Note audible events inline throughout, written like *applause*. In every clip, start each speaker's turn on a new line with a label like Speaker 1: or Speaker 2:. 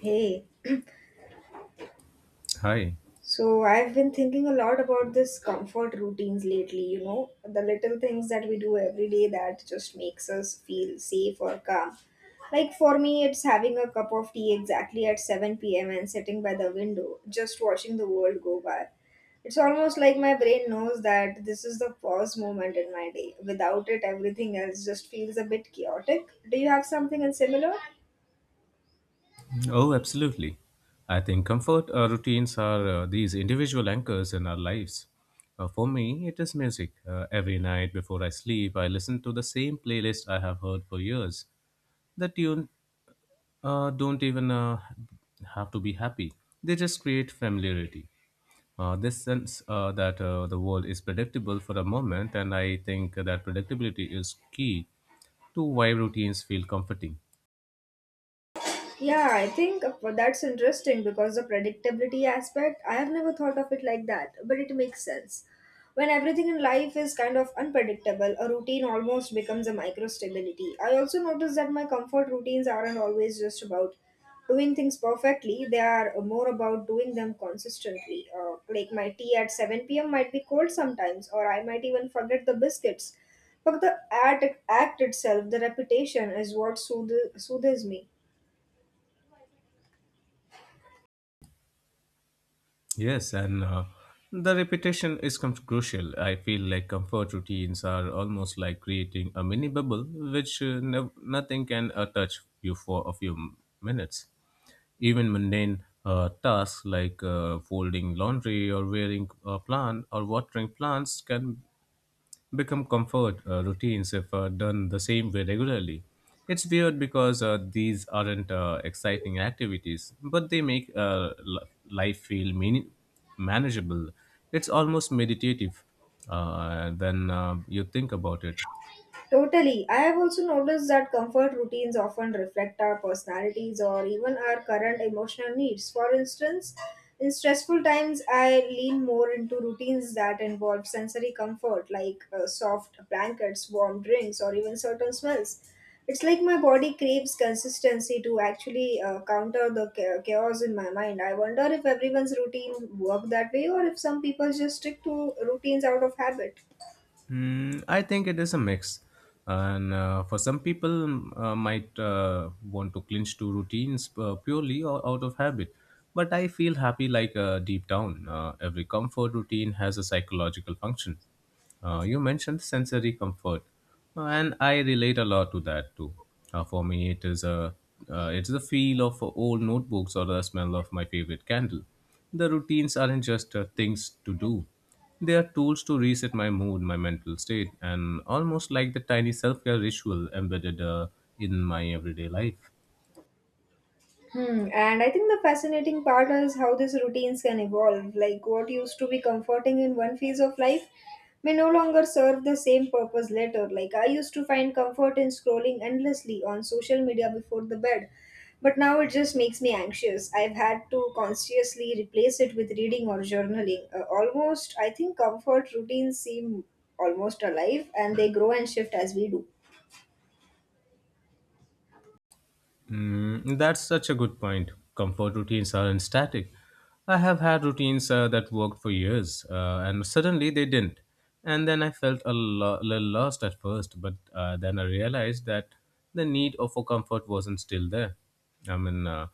Speaker 1: Hey,
Speaker 2: Hi.
Speaker 1: so I've been thinking a lot about this comfort routines lately, you know, the little things that we do every day that just makes us feel safe or calm. Like for me, it's having a cup of tea exactly at 7 p.m. and sitting by the window, just watching the world go by. It's almost like my brain knows that this is the pause moment in my day. Without it, everything else just feels a bit chaotic. Do you have something in similar?
Speaker 2: Oh, absolutely. I think comfort routines are these individual anchors in our lives. For me, it is music. Every night before I sleep, I listen to the same playlist I have heard for years. The tune don't even have to be happy. They just create familiarity. This sense that the world is predictable for a moment, and I think that predictability is key to why routines feel comforting.
Speaker 1: Yeah, I think that's interesting because the predictability aspect, I have never thought of it like that, but it makes sense. When everything in life is kind of unpredictable, a routine almost becomes a micro stability. I also notice that my comfort routines aren't always just about doing things perfectly, they are more about doing them consistently. Like my tea at 7 p.m. might be cold sometimes, or I might even forget the biscuits. But the act itself, the repetition, is what soothes me.
Speaker 2: Yes, and the repetition is crucial. I feel like comfort routines are almost like creating a mini bubble, which nothing can touch you for a few minutes. Even mundane tasks like folding laundry or wearing a plant or watering plants can become comfort routines if done the same way regularly. It's weird because these aren't exciting activities, but they make life feel manageable. It's almost meditative when you think about it.
Speaker 1: Totally. I have also noticed that comfort routines often reflect our personalities or even our current emotional needs. For instance, in stressful times, I lean more into routines that involve sensory comfort, like soft blankets, warm drinks, or even certain smells. It's like my body craves consistency to actually counter the chaos in my mind. I wonder if everyone's routine work that way or if some people just stick to routines out of habit.
Speaker 2: Hmm, I think it is a mix. And for some people, might want to clinch to routines purely or out of habit. But I feel happy like deep down. Every comfort routine has a psychological function. You mentioned sensory comfort, and I relate a lot to that too. For me, it is a it's the feel of old notebooks or the smell of my favorite candle. The routines aren't just things to do. They are tools to reset my mood, my mental state, and almost like the tiny self care ritual embedded in my everyday life.
Speaker 1: Hmm. And I think the fascinating part is how these routines can evolve. Like what used to be comforting in one phase of life may no longer serve the same purpose later. Like I used to find comfort in scrolling endlessly on social media before the bed, but now it just makes me anxious. I've had to consciously replace it with reading or journaling. Almost, I think comfort routines seem almost alive and they grow and shift as we do.
Speaker 2: Mm, that's such a good point. Comfort routines aren't static. I have had routines that worked for years, and suddenly they didn't. And then I felt a little lost at first, but then I realized that the need of for comfort wasn't still there. I mean,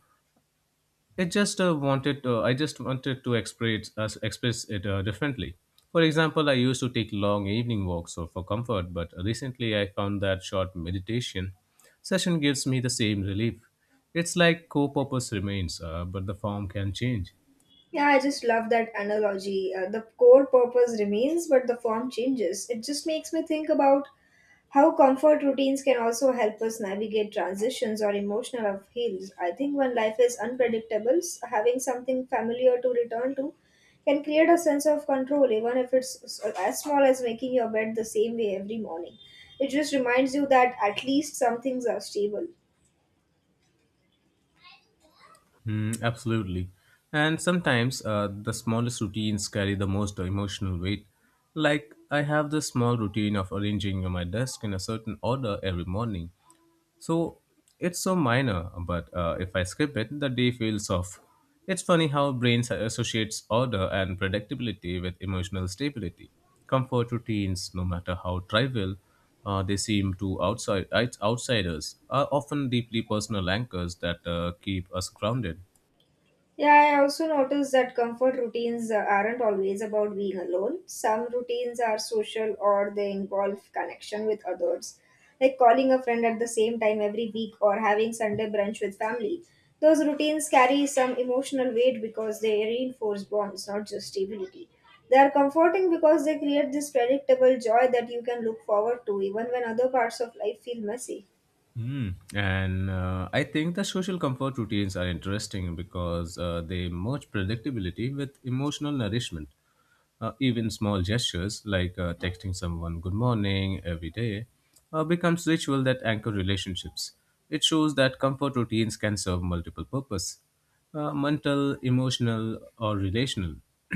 Speaker 2: It just wanted to, I just wanted to express express it differently. For example, I used to take long evening walks so for comfort, but recently I found that short meditation session gives me the same relief. It's like co-purpose remains, but the form can change.
Speaker 1: Yeah, I just love that analogy. The core purpose remains, but the form changes. It just makes me think about how comfort routines can also help us navigate transitions or emotional upheavals. I think when life is unpredictable, having something familiar to return to can create a sense of control, even if it's as small as making your bed the same way every morning. It just reminds you that at least some things are stable.
Speaker 2: Hmm, absolutely. And sometimes the smallest routines carry the most emotional weight. Like I have this small routine of arranging my desk in a certain order every morning. So it's so minor, but if I skip it, the day feels off. It's funny how brains associates order and predictability with emotional stability. Comfort routines, no matter how trivial they seem to outsiders, are often deeply personal anchors that keep us grounded.
Speaker 1: Yeah, I also noticed that comfort routines aren't always about being alone. Some routines are social or they involve connection with others, like calling a friend at the same time every week or having Sunday brunch with family. Those routines carry some emotional weight because they reinforce bonds, not just stability. They are comforting because they create this predictable joy that you can look forward to even when other parts of life feel messy.
Speaker 2: Hmm. And I think the social comfort routines are interesting because they merge predictability with emotional nourishment. Even small gestures like texting someone good morning every day becomes ritual that anchor relationships. It shows that comfort routines can serve multiple purposes mental, emotional, or relational. *clears throat*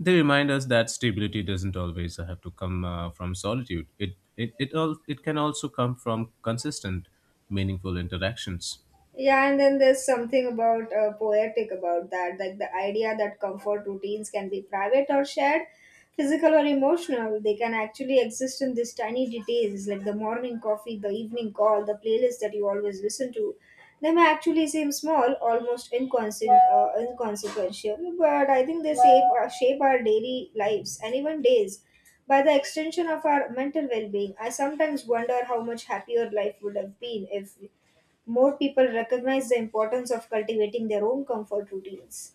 Speaker 2: They remind us that stability doesn't always have to come from solitude. It can also come from consistent, meaningful interactions.
Speaker 1: Yeah, and then there's something about poetic about that, like the idea that comfort routines can be private or shared, physical or emotional. They can actually exist in these tiny details, like the morning coffee, the evening call, the playlist that you always listen to. They may actually seem small, almost inconsequential, but I think they shape our daily lives and even days. By the extension of our mental well being, I sometimes wonder how much happier life would have been if more people recognize the importance of cultivating their own comfort routines.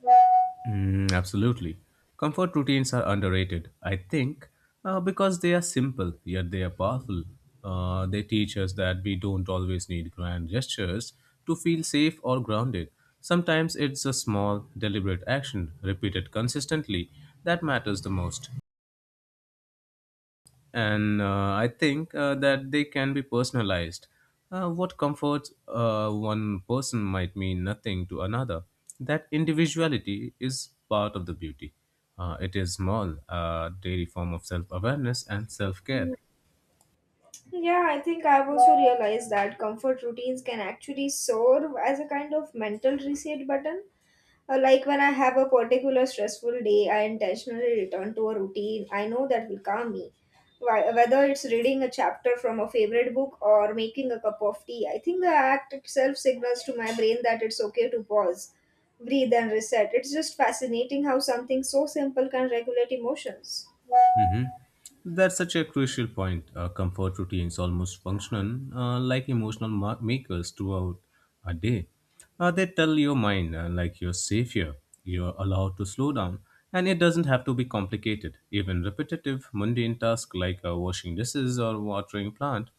Speaker 2: Mm, absolutely. Comfort routines are underrated, I think, because they are simple, yet they are powerful. They teach us that we don't always need grand gestures to feel safe or grounded. Sometimes it's a small, deliberate action, repeated consistently, that matters the most, and I think that they can be personalized. What comforts one person might mean nothing to another. That individuality is part of the beauty. It is small, a daily form of self awareness and self care.
Speaker 1: Yeah, I think I've also realized that comfort routines can actually serve as a kind of mental reset button. Like when I have a particular stressful day, I intentionally return to a routine I know that will calm me. Whether it's reading a chapter from a favorite book or making a cup of tea, I think the act itself signals to my brain that it's okay to pause, breathe, and reset. It's just fascinating how something so simple can regulate emotions.
Speaker 2: hmm That's such a crucial point. Comfort routines almost function like emotional makers throughout a day. They tell your mind, like you're safe here, you're allowed to slow down, and it doesn't have to be complicated. Even repetitive, mundane tasks like washing dishes or watering plant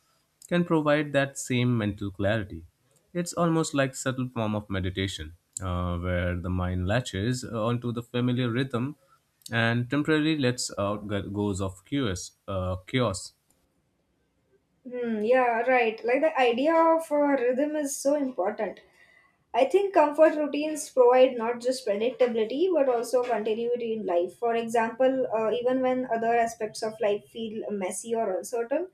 Speaker 2: can provide that same mental clarity. It's almost like subtle form of meditation, where the mind latches onto the familiar rhythm and temporarily lets out goes of chaos. Chaos.
Speaker 1: Hmm, yeah, right. Like the idea of rhythm is so important. I think comfort routines provide not just predictability but also continuity in life. For example, even when other aspects of life feel messy or uncertain,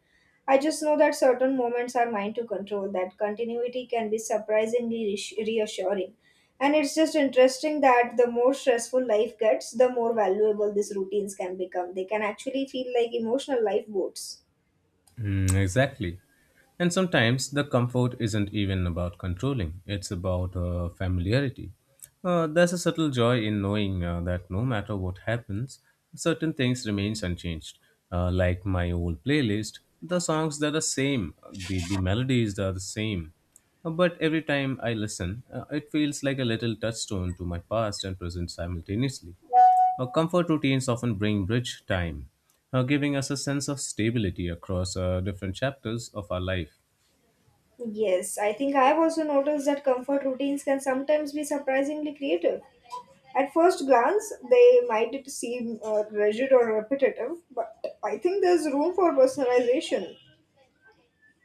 Speaker 1: I just know that certain moments are mine to control. That continuity can be surprisingly reassuring. And it's just interesting that the more stressful life gets, the more valuable these routines can become. They can actually feel like emotional lifeboats.
Speaker 2: Mm, exactly. And sometimes the comfort isn't even about controlling, it's about familiarity. There's a subtle joy in knowing that no matter what happens, certain things remains unchanged. Like my old playlist, the songs they're the same, the melodies are the same. But every time I listen, it feels like a little touchstone to my past and present simultaneously. Our comfort routines often bring bridge time, giving us a sense of stability across different chapters of our life.
Speaker 1: Yes, I think I have also noticed that comfort routines can sometimes be surprisingly creative. At first glance, they might seem rigid or repetitive, but I think there's room for personalization.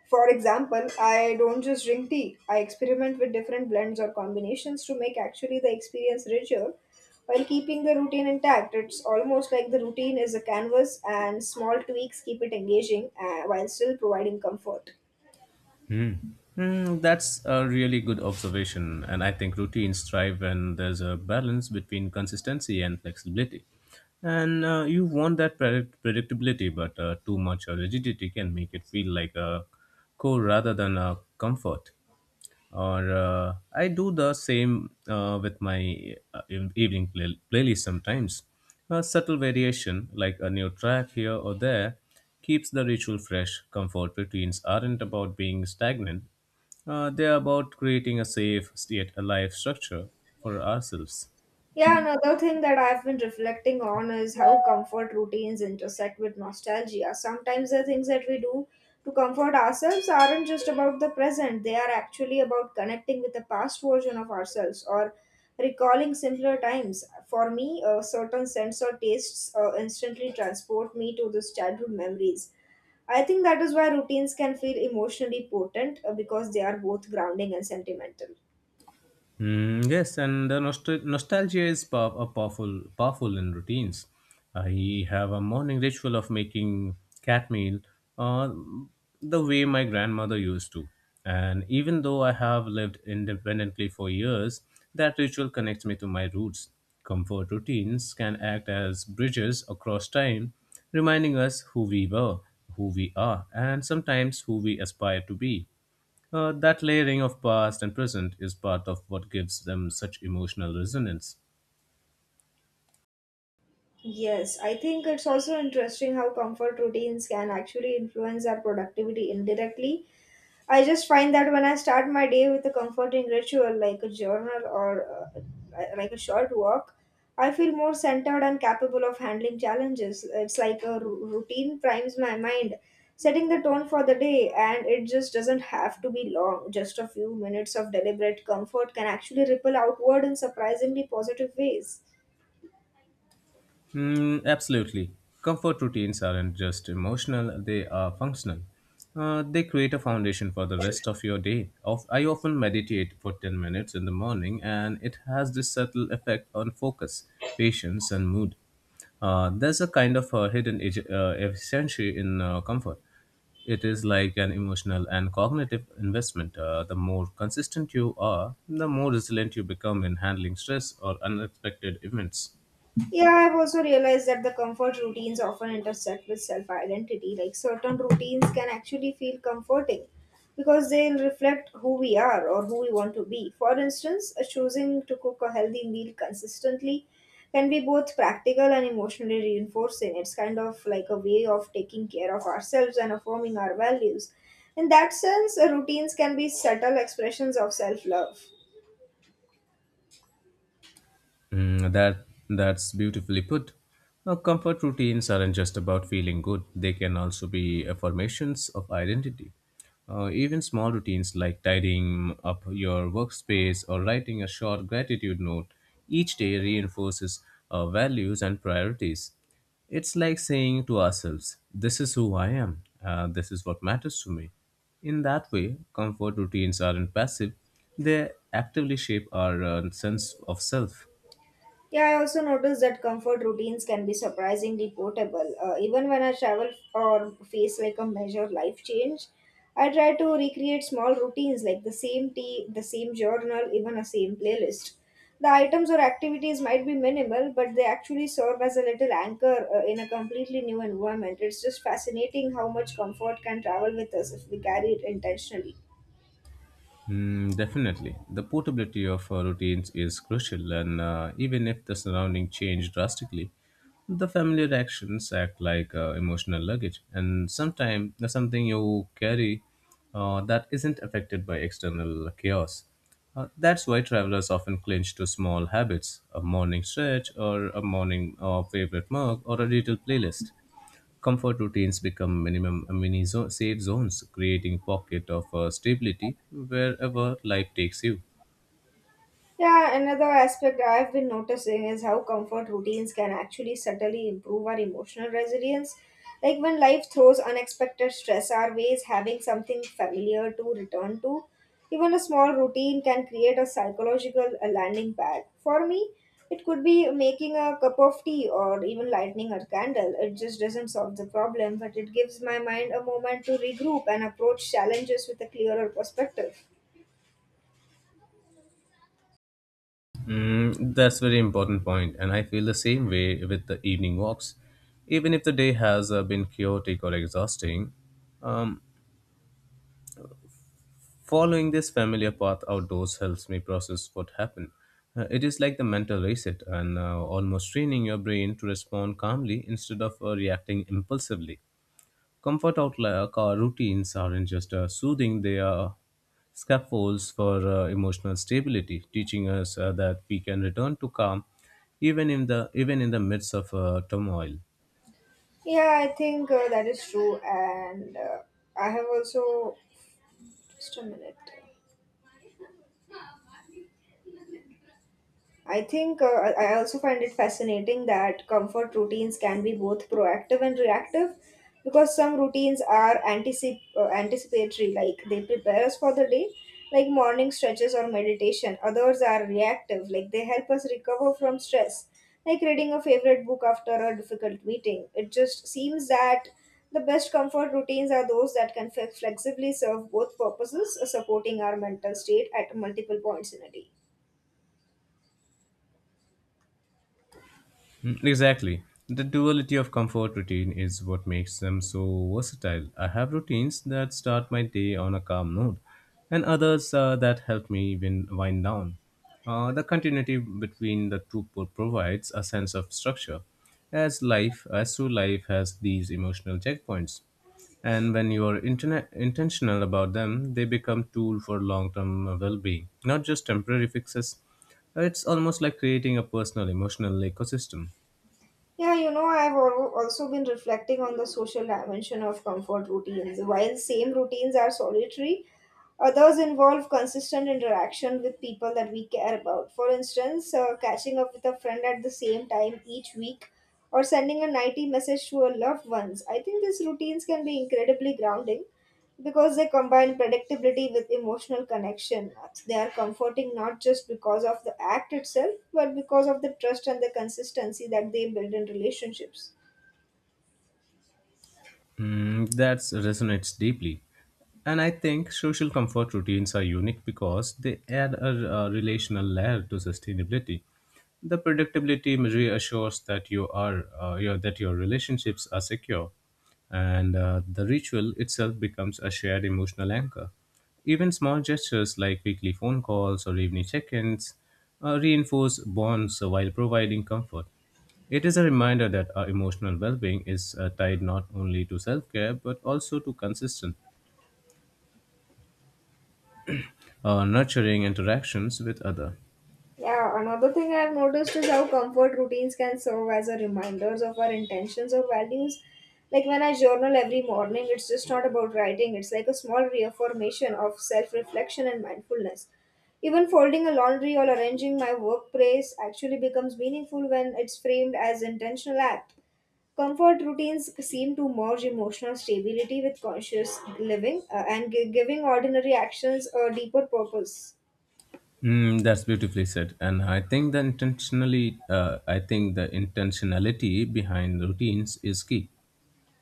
Speaker 1: For example, I don't just drink tea, I experiment with different blends or combinations to make actually the experience richer while keeping the routine intact. It's almost like the routine is a canvas and small tweaks keep it engaging while still providing comfort.
Speaker 2: Hmm. Hmm, that's a really good observation, and I think routines thrive when there's a balance between consistency and flexibility. And you want that predictability, but too much rigidity can make it feel like a core rather than a comfort. Or I do the same with my evening playlist. Sometimes a subtle variation like a new track here or there keeps the ritual fresh. Comfort routines aren't about being stagnant, they're about creating a safe yet alive structure for ourselves.
Speaker 1: Yeah, another thing that I've been reflecting on is how comfort routines intersect with nostalgia. Sometimes the things that we do to comfort ourselves aren't just about the present, they are actually about connecting with the past version of ourselves or recalling simpler times. For me, certain scents or tastes instantly transport me to those childhood memories. I think that is why routines can feel emotionally potent because they are both grounding and sentimental.
Speaker 2: Mm, yes, and the nostalgia is powerful in routines. I have a morning ritual of making cat meal, uh, the way my grandmother used to. And even though I have lived independently for years, that ritual connects me to my roots. Comfort routines can act as bridges across time, reminding us who we were, who we are, and sometimes who we aspire to be. That layering of past and present is part of what gives them such emotional resonance.
Speaker 1: Yes, I think it's also interesting how comfort routines can actually influence our productivity indirectly. I just find that when I start my day with a comforting ritual like a journal or like a short walk, I feel more centered and capable of handling challenges. It's like a routine primes my mind, setting the tone for the day, and it just doesn't have to be long. Just a few minutes of deliberate comfort can actually ripple outward in surprisingly positive ways.
Speaker 2: Mm, absolutely. Comfort routines aren't just emotional, they are functional. They create a foundation for the rest of your day. I often meditate for 10 minutes in the morning, and it has this subtle effect on focus, patience, and mood. There's a kind of a hidden efficiency in comfort. It is like an emotional and cognitive investment. The more consistent you are, the more resilient you become in handling stress or unexpected events.
Speaker 1: Yeah, I've also realized that the comfort routines often intersect with self identity. Like certain routines can actually feel comforting because they'll reflect who we are or who we want to be. For instance, choosing to cook a healthy meal consistently can be both practical and emotionally reinforcing. It's kind of like a way of taking care of ourselves and affirming our values. In that sense, routines can be subtle expressions of self love.
Speaker 2: Mm, that's beautifully put. Now, comfort routines aren't just about feeling good; they can also be affirmations of identity. Even small routines like tidying up your workspace or writing a short gratitude note each day reinforces our values and priorities. It's like saying to ourselves, "This is who I am. This is what matters to me." In that way, comfort routines aren't passive; they actively shape our sense of self.
Speaker 1: Yeah, I also noticed that comfort routines can be surprisingly portable. Even when I travel or face like a major life change, I try to recreate small routines like the same tea, the same journal, even a same playlist. The items or activities might be minimal, but they actually serve as a little anchor in a completely new environment. It's just fascinating how much comfort can travel with us if we carry it intentionally.
Speaker 2: Mm, definitely. The portability of routines is crucial, and even if the surrounding change drastically, the familiar actions act like emotional luggage, and sometimes there's something you carry that isn't affected by external chaos. That's why travelers often cling to small habits, a morning stretch, or a morning favorite mug, or a little playlist. Comfort routines become minimum safe zones, creating pocket of stability wherever life takes you.
Speaker 1: Yeah, another aspect I've been noticing is how comfort routines can actually subtly improve our emotional resilience. Like when life throws unexpected stress our ways, having something familiar to return to, even a small routine can create a psychological landing pad. For me, it could be making a cup of tea or even lighting a candle. It just doesn't solve the problem, but it gives my mind a moment to regroup and approach challenges with a clearer perspective.
Speaker 2: Mm, that's very important point, and I feel the same way with the evening walks. Even if the day has been chaotic or exhausting, um, following this familiar path outdoors helps me process what happened. It is like the mental reset and almost training your brain to respond calmly instead of reacting impulsively. Comfort outlook or routines aren't just soothing, they are scaffolds for emotional stability, teaching us that we can return to calm even in the midst of turmoil.
Speaker 1: Yeah, I think that is true. And I have also, just a minute. I think I also find it fascinating that comfort routines can be both proactive and reactive because some routines are anticipatory, like they prepare us for the day, like morning stretches or meditation. Others are reactive, like they help us recover from stress, like reading a favorite book after a difficult meeting. It just seems that the best comfort routines are those that can flexibly serve both purposes, supporting our mental state at multiple points in a day.
Speaker 2: Mm, exactly. The duality of comfort routine is what makes them so versatile. I have routines that start my day on a calm note, and others that help me wind down. The continuity between the two provides a sense of structure, as through life, has these emotional checkpoints. And when you are intentional about them, they become tool for long-term well-being, not just temporary fixes. It's almost like creating a personal emotional ecosystem.
Speaker 1: Yeah, you know, I've also been reflecting on the social dimension of comfort routines. While same routines are solitary, others involve consistent interaction with people that we care about. For instance, catching up with a friend at the same time each week or sending a nighty message to our loved ones. I think these routines can be incredibly grounding because they combine predictability with emotional connection. They are comforting not just because of the act itself, but because of the trust and the consistency that they build in relationships.
Speaker 2: Mm, that resonates deeply. And I think social comfort routines are unique because they add a relational layer to sustainability. The predictability reassures that your relationships are secure, and the ritual itself becomes a shared emotional anchor. Even small gestures like weekly phone calls or evening check-ins reinforce bonds while providing comfort. It is a reminder that our emotional well-being is tied not only to self-care but also to consistent, nurturing interactions with other.
Speaker 1: Yeah, another thing I've noticed is how comfort routines can serve as a reminders of our intentions or values. Like when I journal every morning, it's just not about writing, it's like a small reaffirmation of self reflection and mindfulness. Even folding a laundry or arranging my workplace actually becomes meaningful when it's framed as intentional act. Comfort routines seem to merge emotional stability with conscious living and giving ordinary actions a deeper purpose.
Speaker 2: Mm, that's beautifully said, and I think the intentionality behind routines is key.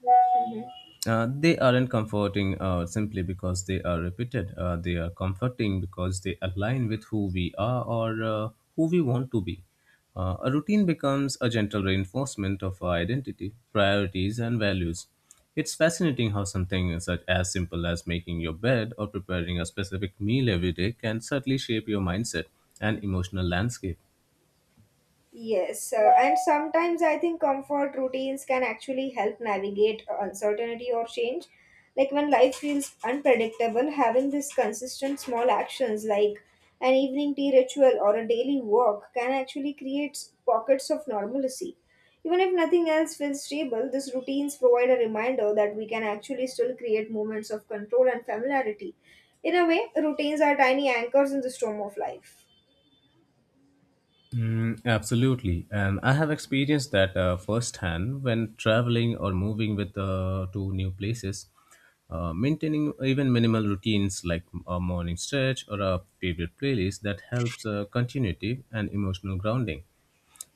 Speaker 1: Mhm.
Speaker 2: They aren't comforting simply because they are repeated. They are comforting because they align with who we are or who we want to be. A routine becomes a gentle reinforcement of our identity, priorities, and values. It's fascinating how something such as simple as making your bed or preparing a specific meal every day can subtly shape your mindset and emotional landscape.
Speaker 1: Yes, and sometimes I think comfort routines can actually help navigate uncertainty or change. Like when life feels unpredictable, having these consistent small actions like an evening tea ritual or a daily walk can actually create pockets of normalcy. Even if nothing else feels stable, these routines provide a reminder that we can actually still create moments of control and familiarity. In a way, routines are tiny anchors in the storm of life.
Speaker 2: Mm, absolutely, and I have experienced that firsthand when traveling or moving with to new places. Maintaining even minimal routines like a morning stretch or a favorite playlist that helps continuity and emotional grounding.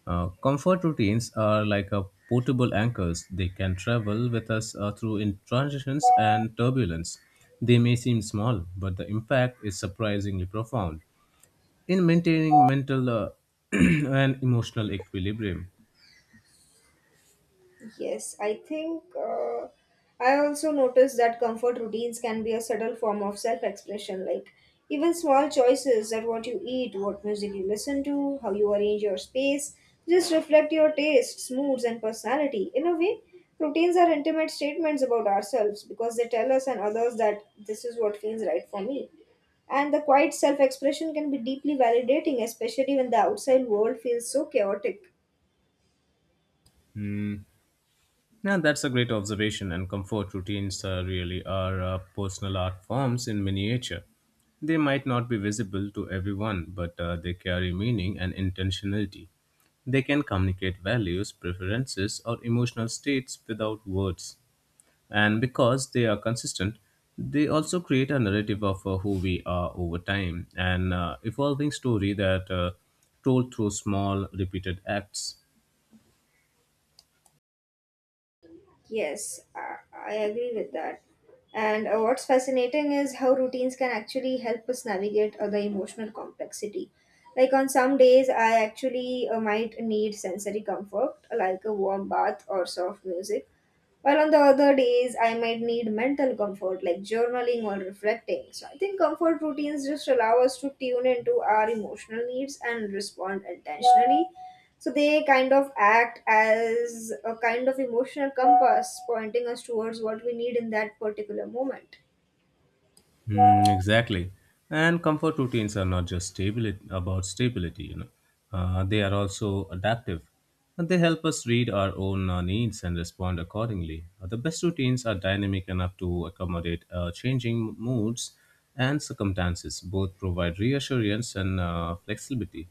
Speaker 2: Comfort routines are like a portable anchors. They can travel with us through in transitions and turbulence. They may seem small, but the impact is surprisingly profound in maintaining mental *clears throat* and emotional equilibrium.
Speaker 1: Yes, I think I also noticed that comfort routines can be a subtle form of self expression. Like, even small choices that what you eat, what music you listen to, how you arrange your space, just reflect your tastes, moods, and personality. In a way, routines are intimate statements about ourselves because they tell us and others that this is what feels right for me. And the quiet self expression can be deeply validating, especially when the outside world feels so chaotic.
Speaker 2: Hmm. Now, that's a great observation, and comfort routines really are personal art forms in miniature. They might not be visible to everyone, but they carry meaning and intentionality. They can communicate values, preferences, or emotional states without words. And because they are consistent, they also create a narrative of who we are over time, an evolving story that told through small, repeated acts.
Speaker 1: Yes, I agree with that. And what's fascinating is how routines can actually help us navigate the emotional complexity. Like on some days, I actually might need sensory comfort, like a warm bath or soft music. While on the other days, I might need mental comfort like journaling or reflecting. So I think comfort routines just allow us to tune into our emotional needs and respond intentionally. So they kind of act as a kind of emotional compass pointing us towards what we need in that particular moment.
Speaker 2: Mm, exactly. And comfort routines are not just stability, about stability, you know. They are also adaptive. And they help us read our own needs and respond accordingly. The best routines are dynamic enough to accommodate changing moods and circumstances. Both provide reassurance and flexibility.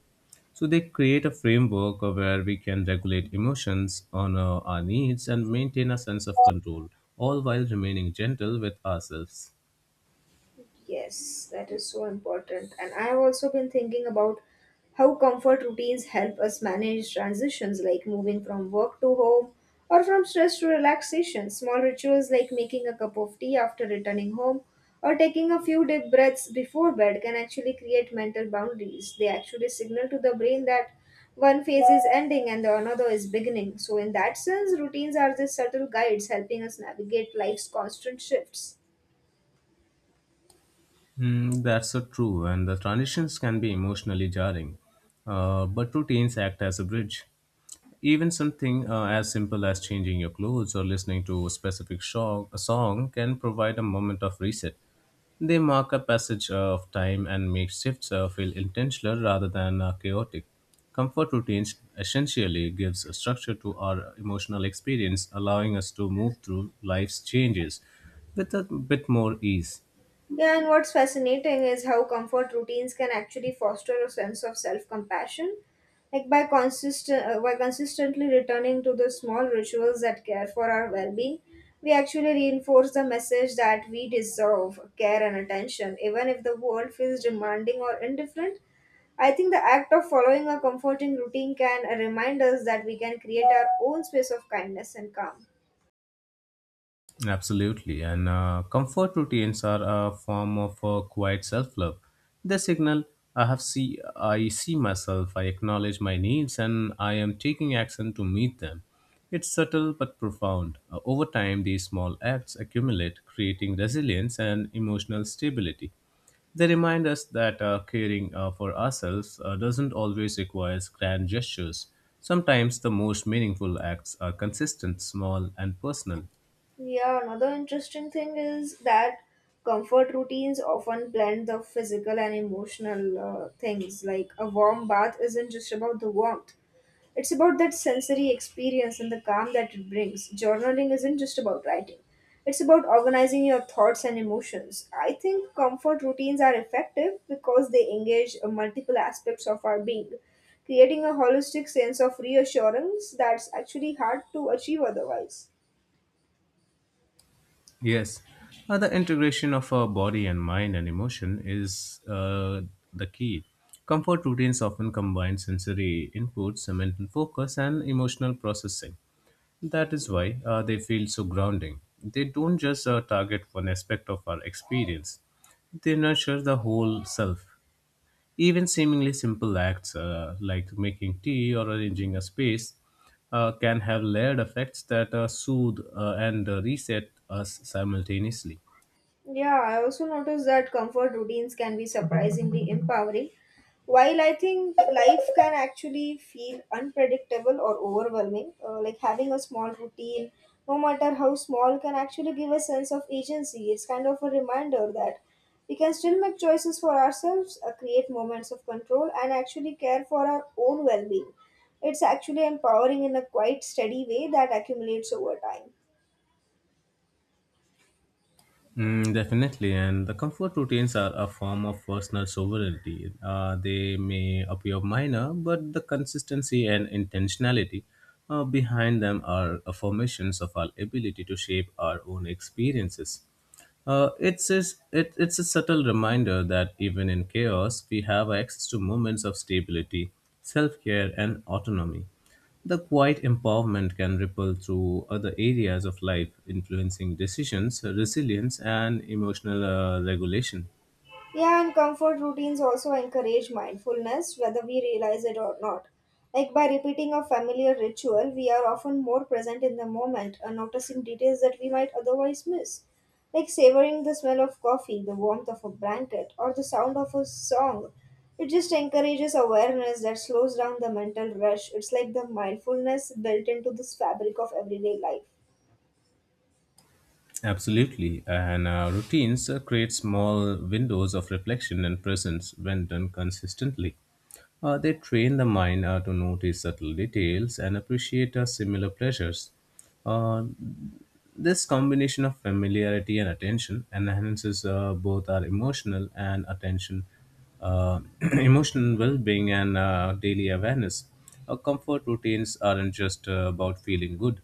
Speaker 2: So they create a framework of where we can regulate emotions on our needs and maintain a sense of control, all while remaining gentle with ourselves.
Speaker 1: Yes, that is so important. And I have also been thinking about how comfort routines help us manage transitions like moving from work to home or from stress to relaxation. Small rituals like making a cup of tea after returning home or taking a few deep breaths before bed can actually create mental boundaries. They actually signal to the brain that one phase is ending and the another is beginning. So, in that sense, routines are just subtle guides helping us navigate life's constant shifts.
Speaker 2: Mm, that's so true, and the transitions can be emotionally jarring. But routines act as a bridge. Even something as simple as changing your clothes or listening to a specific song can provide a moment of reset. They mark a passage of time and make shifts feel intentional rather than chaotic. Comfort routines essentially gives a structure to our emotional experience, allowing us to move through life's changes with a bit more ease.
Speaker 1: Yeah, and what's fascinating is how comfort routines can actually foster a sense of self-compassion. Like by consistently returning to the small rituals that care for our well-being, we actually reinforce the message that we deserve care and attention, even if the world feels demanding or indifferent. I think the act of following a comforting routine can remind us that we can create our own space of kindness and calm.
Speaker 2: Absolutely. And comfort routines are a form of quiet self love. They signal I have see I see myself, I acknowledge my needs, and I am taking action to meet them. It's subtle but profound. Over time, these small acts accumulate, creating resilience and emotional stability. They remind us that caring for ourselves doesn't always require grand gestures. Sometimes the most meaningful acts are consistent, small, and personal.
Speaker 1: Yeah, another interesting thing is that comfort routines often blend the physical and emotional things. Like a warm bath isn't just about the warmth, it's about that sensory experience and the calm that it brings. Journaling isn't just about writing, it's about organizing your thoughts and emotions. I think comfort routines are effective because they engage multiple aspects of our being, creating a holistic sense of reassurance that's actually hard to achieve otherwise.
Speaker 2: Yes, the integration of our body and mind and emotion is the key. Comfort routines often combine sensory inputs, mental focus, and emotional processing. That is why they feel so grounding. They don't just target one aspect of our experience, they nurture the whole self. Even seemingly simple acts like making tea or arranging a space can have layered effects that soothe and reset us simultaneously.
Speaker 1: Yeah, I also noticed that comfort routines can be surprisingly empowering. While I think life can actually feel unpredictable or overwhelming, like having a small routine, no matter how small, can actually give a sense of agency. It's kind of a reminder that we can still make choices for ourselves, create moments of control, and actually care for our own well being. It's actually empowering in a quite steady way that accumulates over time.
Speaker 2: Mm, definitely, and the comfort routines are a form of personal sovereignty. They may appear minor, but the consistency and intentionality behind them are affirmations of our ability to shape our own experiences. It's a subtle reminder that even in chaos, we have access to moments of stability, self care, and autonomy. The quiet empowerment can ripple through other areas of life, influencing decisions, resilience, and emotional regulation.
Speaker 1: Yeah, and comfort routines also encourage mindfulness, whether we realize it or not. Like by repeating a familiar ritual, we are often more present in the moment and noticing details that we might otherwise miss. Like savoring the smell of coffee, the warmth of a blanket, or the sound of a song. It just encourages awareness that slows down the mental rush. It's like the mindfulness built into this fabric of everyday life.
Speaker 2: Absolutely, and routines create small windows of reflection and presence when done consistently. They train the mind to notice subtle details and appreciate similar pleasures. Uh, this combination of familiarity and attention enhances both our emotional uh, *clears throat* emotional well-being and daily awareness. Our comfort routines aren't just about feeling good.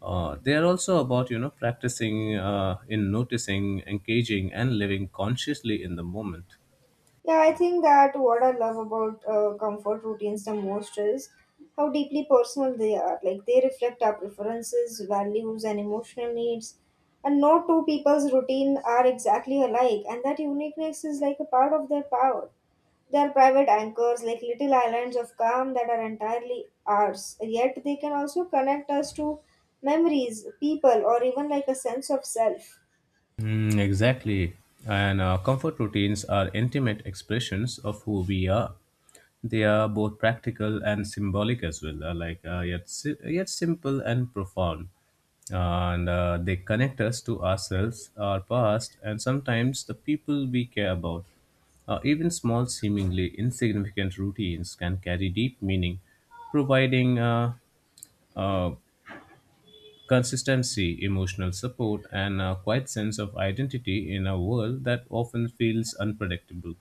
Speaker 2: They are also about you know practicing in noticing, engaging, and living consciously in the moment.
Speaker 1: Yeah, I think that what I love about comfort routines the most is how deeply personal they are. Like they reflect our preferences, values, and emotional needs. And no two people's routine are exactly alike, and that uniqueness is like a part of their power. They are private anchors, like little islands of calm that are entirely ours. Yet they can also connect us to memories, people, or even like a sense of self.
Speaker 2: Mm, exactly. And comfort routines are intimate expressions of who we are. They are both practical and symbolic as well, yet simple and profound. And they connect us to ourselves, our past, and sometimes the people we care about. Even small, seemingly insignificant routines can carry deep meaning, providing uh, consistency, emotional support, and a quiet sense of identity in a world that often feels unpredictable.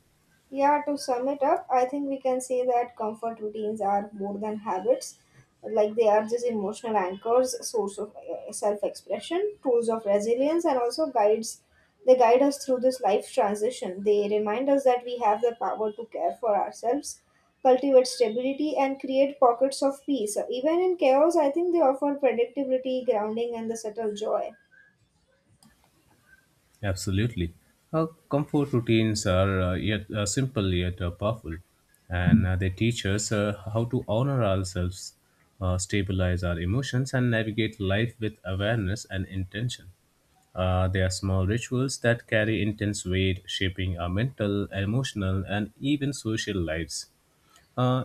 Speaker 1: Yeah, to sum it up, I think we can say that comfort routines are more than habits. Like they are just emotional anchors, source of self-expression, tools of resilience, and also guides. They guide us through this life transition. They remind us that we have the power to care for ourselves, cultivate stability, and create pockets of peace. Even in chaos, I think they offer predictability, grounding, and the subtle joy.
Speaker 2: Absolutely. Our comfort routines are yet simple yet powerful, and they teach us how to honor ourselves, stabilize our emotions, and navigate life with awareness and intention. They are small rituals that carry intense weight, shaping our mental, emotional, and even social lives. Uh,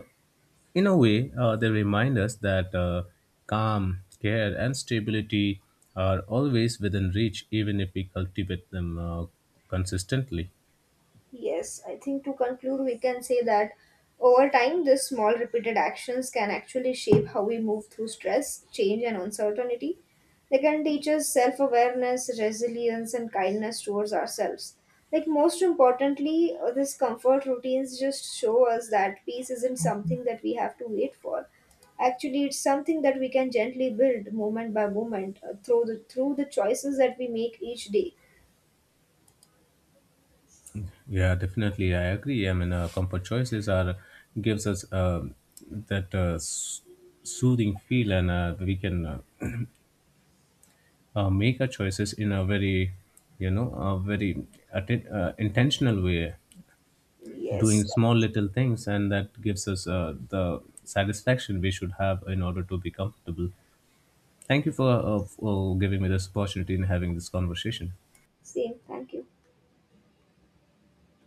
Speaker 2: In a way, they remind us that calm, care, and stability are always within reach, even if we cultivate them consistently.
Speaker 1: Yes, I think to conclude, we can say that over time, these small repeated actions can actually shape how we move through stress, change, and uncertainty. They can teach us self awareness, resilience, and kindness towards ourselves. Like, most importantly, these comfort routines just show us that peace isn't something that we have to wait for. Actually, it's something that we can gently build moment by moment through the choices that we make each day.
Speaker 2: Yeah, definitely, I agree. I mean, comfort choices are gives us that soothing feel, and we can make our choices in a very, you know, a very intentional way. Doing
Speaker 1: Yes,
Speaker 2: small little things, and that gives us the satisfaction we should have in order to be comfortable. Thank you for giving me this opportunity and having this conversation.
Speaker 1: same. Thank you.